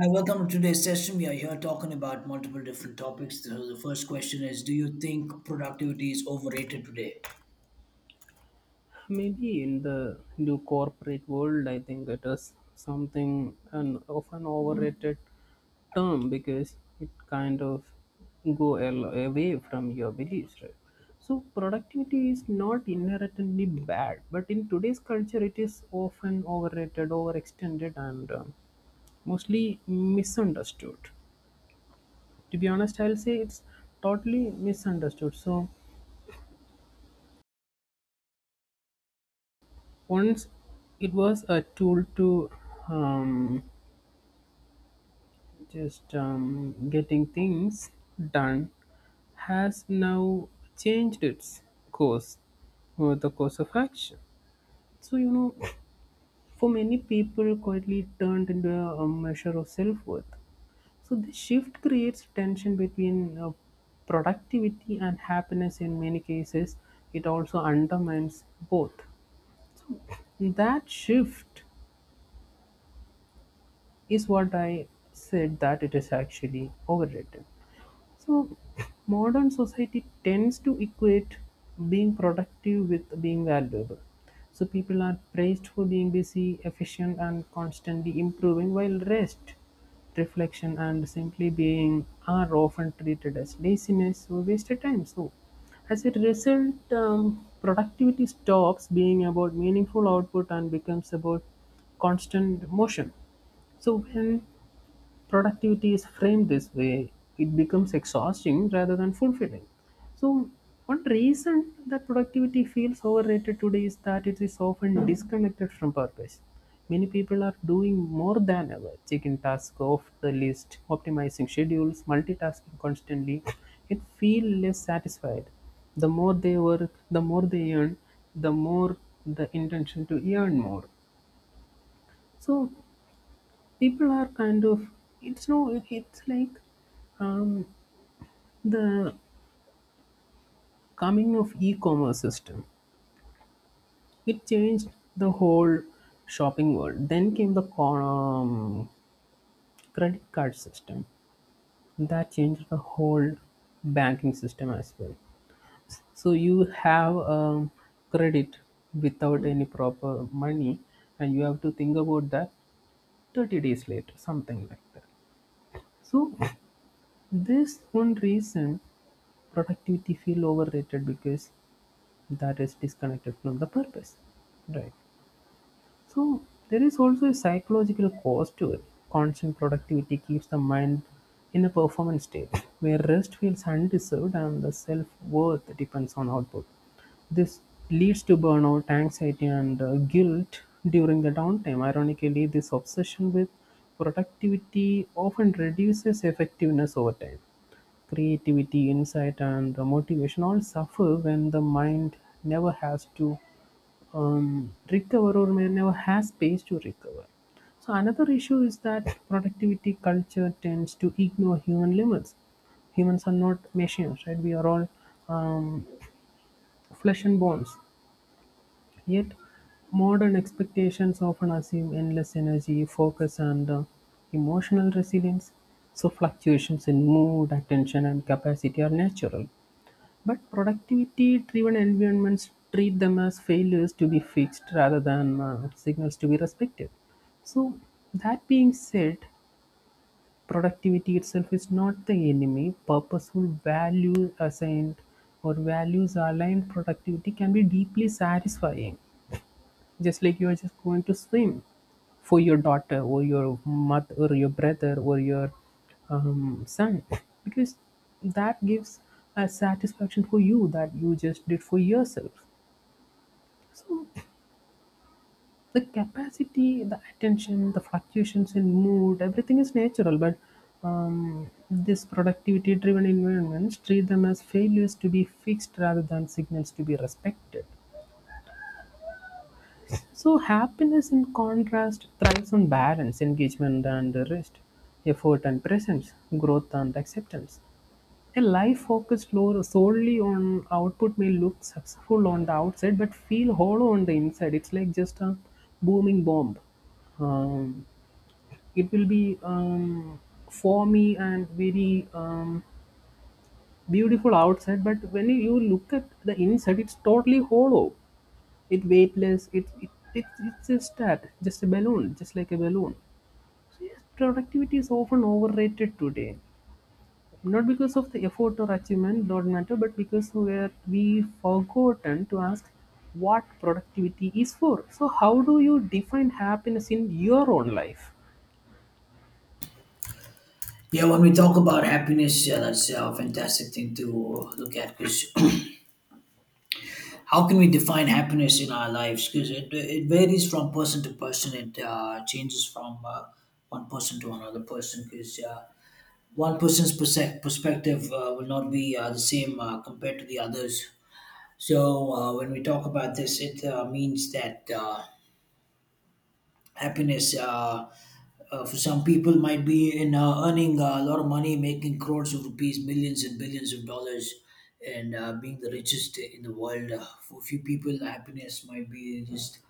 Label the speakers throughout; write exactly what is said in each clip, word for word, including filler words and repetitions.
Speaker 1: Hi, welcome to today's session. We are here talking about multiple different topics. So the first question is, do you think productivity is overrated today?
Speaker 2: Maybe in the new corporate world, I think it is something an often overrated term because it kind of go al- away from your beliefs, right? So productivity is not inherently bad, but in today's culture, it is often overrated, overextended, and um, mostly misunderstood. To be honest, I'll say it's totally misunderstood. So once it was a tool to um, just um, getting things done has now changed its course or the course of action, so you know for many people quietly turned into a a measure of self-worth. So this shift creates tension between uh, productivity and happiness in many cases. It also undermines both. That shift is what I said, that it is actually overrated. So, modern society tends to equate being productive with being valuable. So, people are praised for being busy, efficient, and constantly improving, while rest, reflection, and simply being are often treated as laziness or wasted time. So, as a result, um, productivity stops being about meaningful output and becomes about constant motion. So when productivity is framed this way, it becomes exhausting rather than fulfilling. So, one reason that productivity feels overrated today is that it is often disconnected from purpose. Many people are doing more than ever, checking tasks off the list, optimizing schedules, multitasking constantly. It feels less satisfied. The more they work, the more they earn, the more the intention to earn more. So people are kind of, it's no, it's like, um, the coming of e-commerce system, it changed the whole shopping world. Then came the co- um, credit card system that changed the whole banking system as well. So you have um, credit without any proper money, and you have to think about that thirty days later, something like that. So this one reason productivity feel overrated, because that is disconnected from the purpose. Right. So there is also a psychological cost to it. Constant productivity keeps the mind in a performance state where rest feels undeserved and the self worth depends on output. This leads to burnout, anxiety, and uh, guilt during the downtime. Ironically, this obsession with productivity often reduces effectiveness over time. Creativity, insight, and uh, motivation all suffer when the mind never has to um, recover, or may never has space to recover. So another issue is that productivity culture tends to ignore human limits. Humans are not machines, right? We are all um, flesh and bones. Yet modern expectations often assume endless energy, focus, and uh, emotional resilience. So fluctuations in mood, attention, and capacity are natural. But productivity-driven environments treat them as failures to be fixed rather than uh, signals to be respected. So, that being said, productivity itself is not the enemy. Purposeful value assigned, or values aligned productivity can be deeply satisfying, just like you're just going to swim for your daughter or your mother or your brother or your um, son, because that gives a satisfaction for you that you just did for yourself. So the capacity, the attention, the fluctuations in mood, everything is natural, but um, this productivity driven environments treat them as failures to be fixed rather than signals to be respected. So, happiness in contrast thrives on balance, engagement and rest, effort and presence, growth and acceptance. A life focused lo- solely on output may look successful on the outside but feel hollow on the inside. It's like just a booming bomb. Um, it will be um, foamy and very um, beautiful outside, but when you look at the inside, it's totally hollow, it weightless. It, it, it it's just that, just a balloon, just like a balloon. So yes, productivity is often overrated today, not because of the effort or achievement, not matter, but because we're we forgotten to ask what productivity is for. So how do you define happiness in your own life?
Speaker 1: Yeah, when we talk about happiness, yeah, that's a fantastic thing to look at because how can we define happiness in our lives? Because it, it varies from person to person. It uh, changes from uh, one person to another person because uh, one person's perse- perspective uh, will not be uh, the same uh, compared to the others. So uh, when we talk about this, it uh, means that. Uh, happiness uh, uh, for some people might be in uh, earning uh, a lot of money, making crores of rupees, millions and billions of dollars, and uh, being the richest in the world. Uh, for a few people, happiness might be just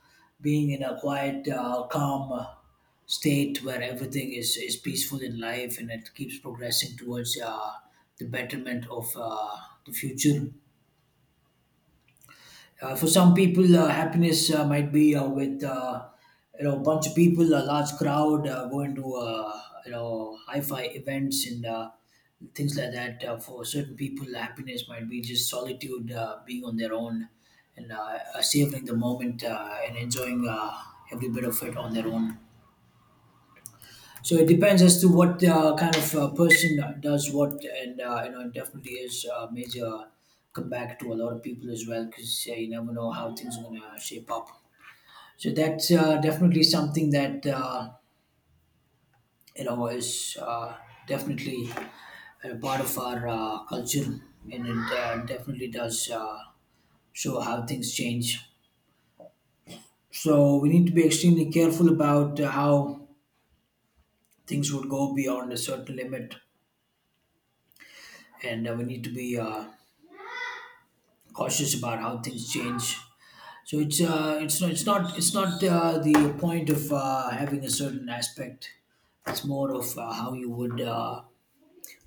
Speaker 1: being in a quiet, uh, calm, uh, state where everything is, is peaceful in life and it keeps progressing towards uh, the betterment of uh, the future. Uh, for some people, uh, happiness uh, might be uh, with uh, you know, a bunch of people, a large crowd, uh, going to uh, you know, hi-fi events and uh, things like that. Uh, for certain people, happiness might be just solitude, uh, being on their own, and uh, uh, savoring the moment uh, and enjoying uh, every bit of it on their own. So it depends as to what uh, kind of uh, person does what, and uh, you know, it definitely is a major comeback to a lot of people as well, because uh, you never know how things are gonna shape up. So that's uh, definitely something that uh, you know is uh, definitely a part of our uh, culture, and it uh, definitely does uh, show how things change. So we need to be extremely careful about uh, how things would go beyond a certain limit, and uh, we need to be. Uh, cautious about how things change. So it's uh, it's not it's not it's not uh, the point of uh, having a certain aspect. It's more of uh, how you would uh,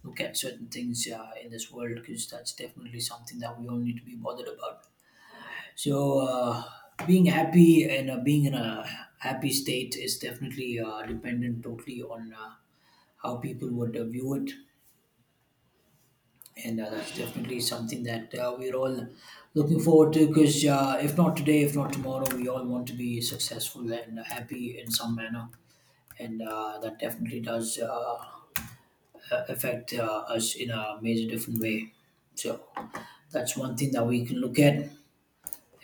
Speaker 1: look at certain things uh, in this world, because that's definitely something that we all need to be bothered about. So uh, being happy and uh, being in a happy state is definitely uh, dependent totally on uh, how people would uh, view it, and uh, that's definitely something that uh, we're all looking forward to, because uh, if not today, if not tomorrow, we all want to be successful and happy in some manner, and uh, that definitely does uh, affect uh, us in a major different way. So that's one thing that we can look at,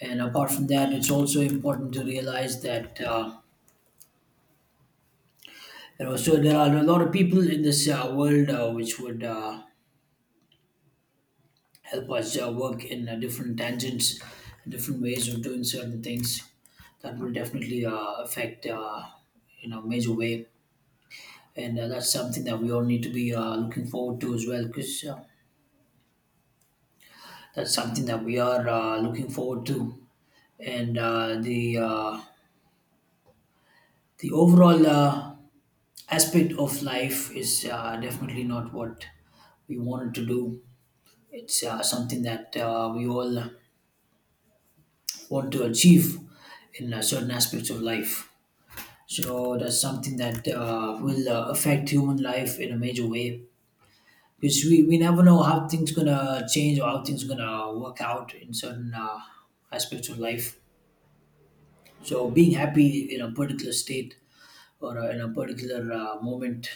Speaker 1: and apart from that, it's also important to realize that uh, you know, so there are a lot of people in this uh, world uh, which would uh, help us uh, work in uh, different tangents, different ways of doing certain things. That will definitely uh, affect uh, in a major way, and uh, that's something that we all need to be uh, looking forward to as well, because uh, that's something that we are uh, looking forward to, and uh, the uh, the overall uh, aspect of life is uh, definitely not what we wanted to do. It's uh, something that uh, we all want to achieve in uh, certain aspects of life. So that's something that uh, will uh, affect human life in a major way, because we, we never know how things gonna change or how things gonna work out in certain uh, aspects of life. So being happy in a particular state or uh, in a particular uh, moment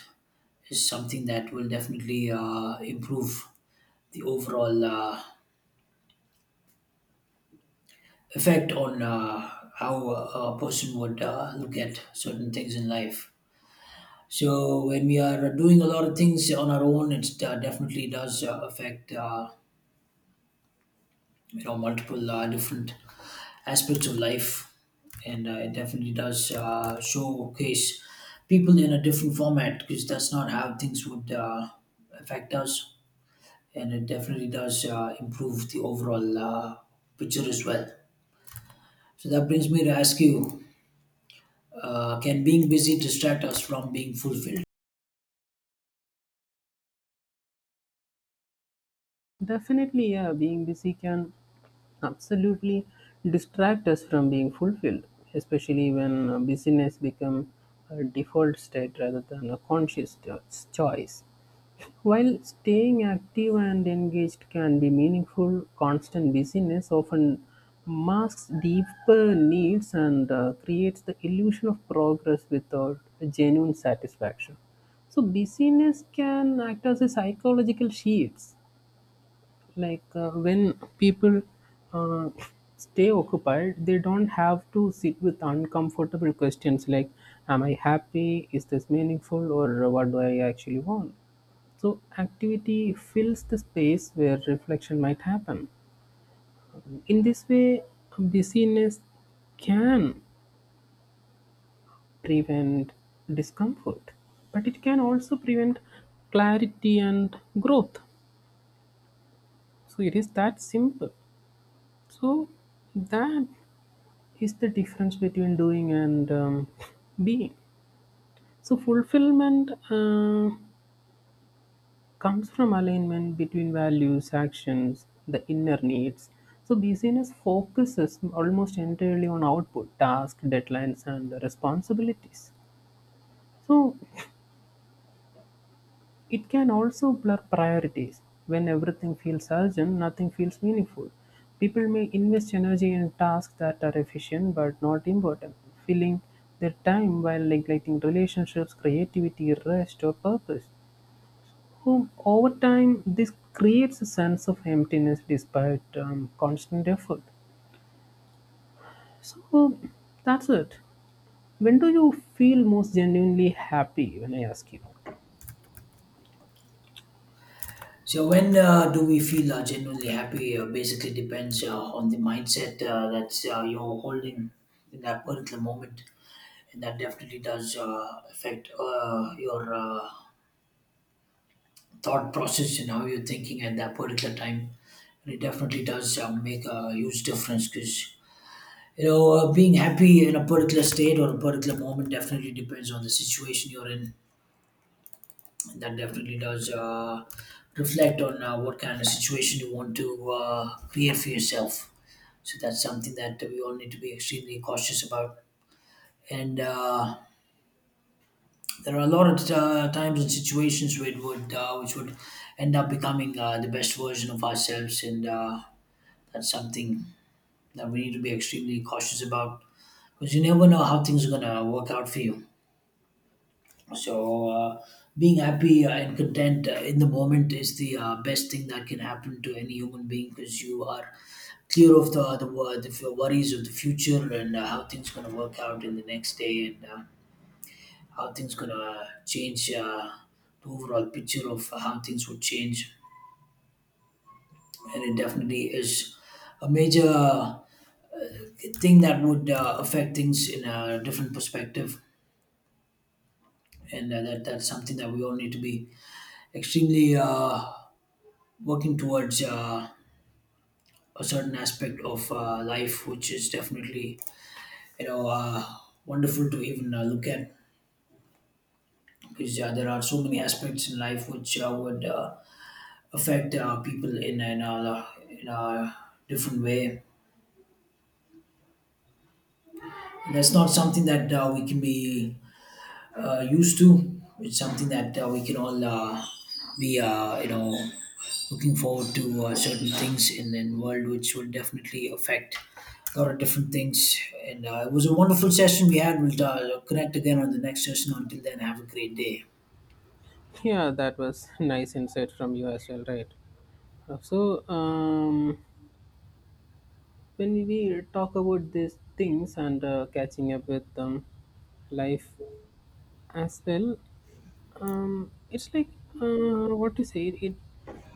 Speaker 1: is something that will definitely uh, improve the overall uh, effect on uh, how a a person would uh, look at certain things in life. So when we are doing a lot of things on our own, it uh, definitely does uh, affect uh, you know, multiple uh, different aspects of life, and uh, it definitely does uh, showcase people in a different format, because that's not how things would uh, affect us, and it definitely does uh, improve the overall uh, picture as well. So that brings me to ask you: uh, can being busy distract us from being fulfilled?
Speaker 2: Definitely, yeah, being busy can absolutely distract us from being fulfilled, especially when uh, busyness become a default state rather than a conscious cho- choice. While staying active and engaged can be meaningful, constant busyness often masks deeper needs and uh, creates the illusion of progress without a genuine satisfaction. So busyness can act as a psychological shield, like uh, when people uh, stay occupied, they don't have to sit with uncomfortable questions like, am I happy, is this meaningful, or what do I actually want? So activity fills the space where reflection might happen. In this way, busyness can prevent discomfort, but it can also prevent clarity and growth. So it is that simple. So that is the difference between doing and um, being. So, fulfillment uh, comes from alignment between values, actions, the inner needs. So, busyness focuses almost entirely on output, tasks, deadlines, and responsibilities. So, it can also blur priorities; when everything feels urgent, nothing feels meaningful. People may invest energy in tasks that are efficient but not important, filling their time while neglecting relationships, creativity, rest, or purpose. Um, over time, this creates a sense of emptiness despite um, constant effort. So um, that's it. When do you feel most genuinely happy when I ask you?
Speaker 1: So when uh, do we feel uh, genuinely happy? Uh, basically depends uh, on the mindset uh, that's uh, you're holding in that particular moment, and that definitely does uh, affect uh, your uh, thought process and how you're thinking at that particular time. And it definitely does uh, make a huge difference because you know, uh, being happy in a particular state or a particular moment definitely depends on the situation you're in. That definitely does uh, reflect on uh, what kind of situation you want to uh, create for yourself. So that's something that we all need to be extremely cautious about. And uh, there are a lot of uh, times and situations where it would, uh, which would end up becoming uh, the best version of ourselves, and uh, that's something that we need to be extremely cautious about, because you never know how things are gonna work out for you. So, uh, being happy uh, and content uh, in the moment is the uh, best thing that can happen to any human being, because you are clear of the the, wor- the f- worries of the future and uh, how things going to work out in the next day and uh, how things going to change uh, the overall picture of how things would change. And it definitely is a major uh, thing that would uh, affect things in a different perspective. And uh, that, that's something that we all need to be extremely uh, working towards uh, a certain aspect of uh, life, which is definitely you know, uh, wonderful to even uh, look at, because uh, there are so many aspects in life which uh, would uh, affect uh, people in in a, in a different way. And that's not something that uh, we can be uh, used to. It's something that uh, we can all uh, be, uh, you know, looking forward to uh, certain things in the world, which will definitely affect a lot of different things. And uh, it was a wonderful session we had. We'll uh, connect again on the next session. Until then, have a great day.
Speaker 2: Yeah, that was nice insight from you as well, right? Uh, So, um, when we talk about these things and uh, catching up with um, life as well, um, it's like, uh, what to say. It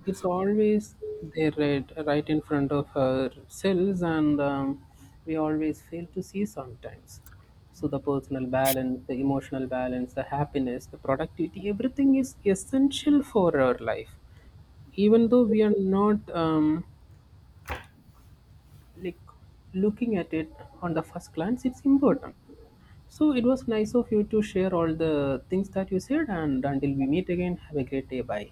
Speaker 2: It's always there, right, right in front of ourselves, and um, we always fail to see sometimes. So the personal balance, the emotional balance, the happiness, the productivity, everything is essential for our life, even though we are not um, like looking at it on the first glance. It's important. So it was nice of you to share all the things that you said, and until we meet again, have a great day. Bye.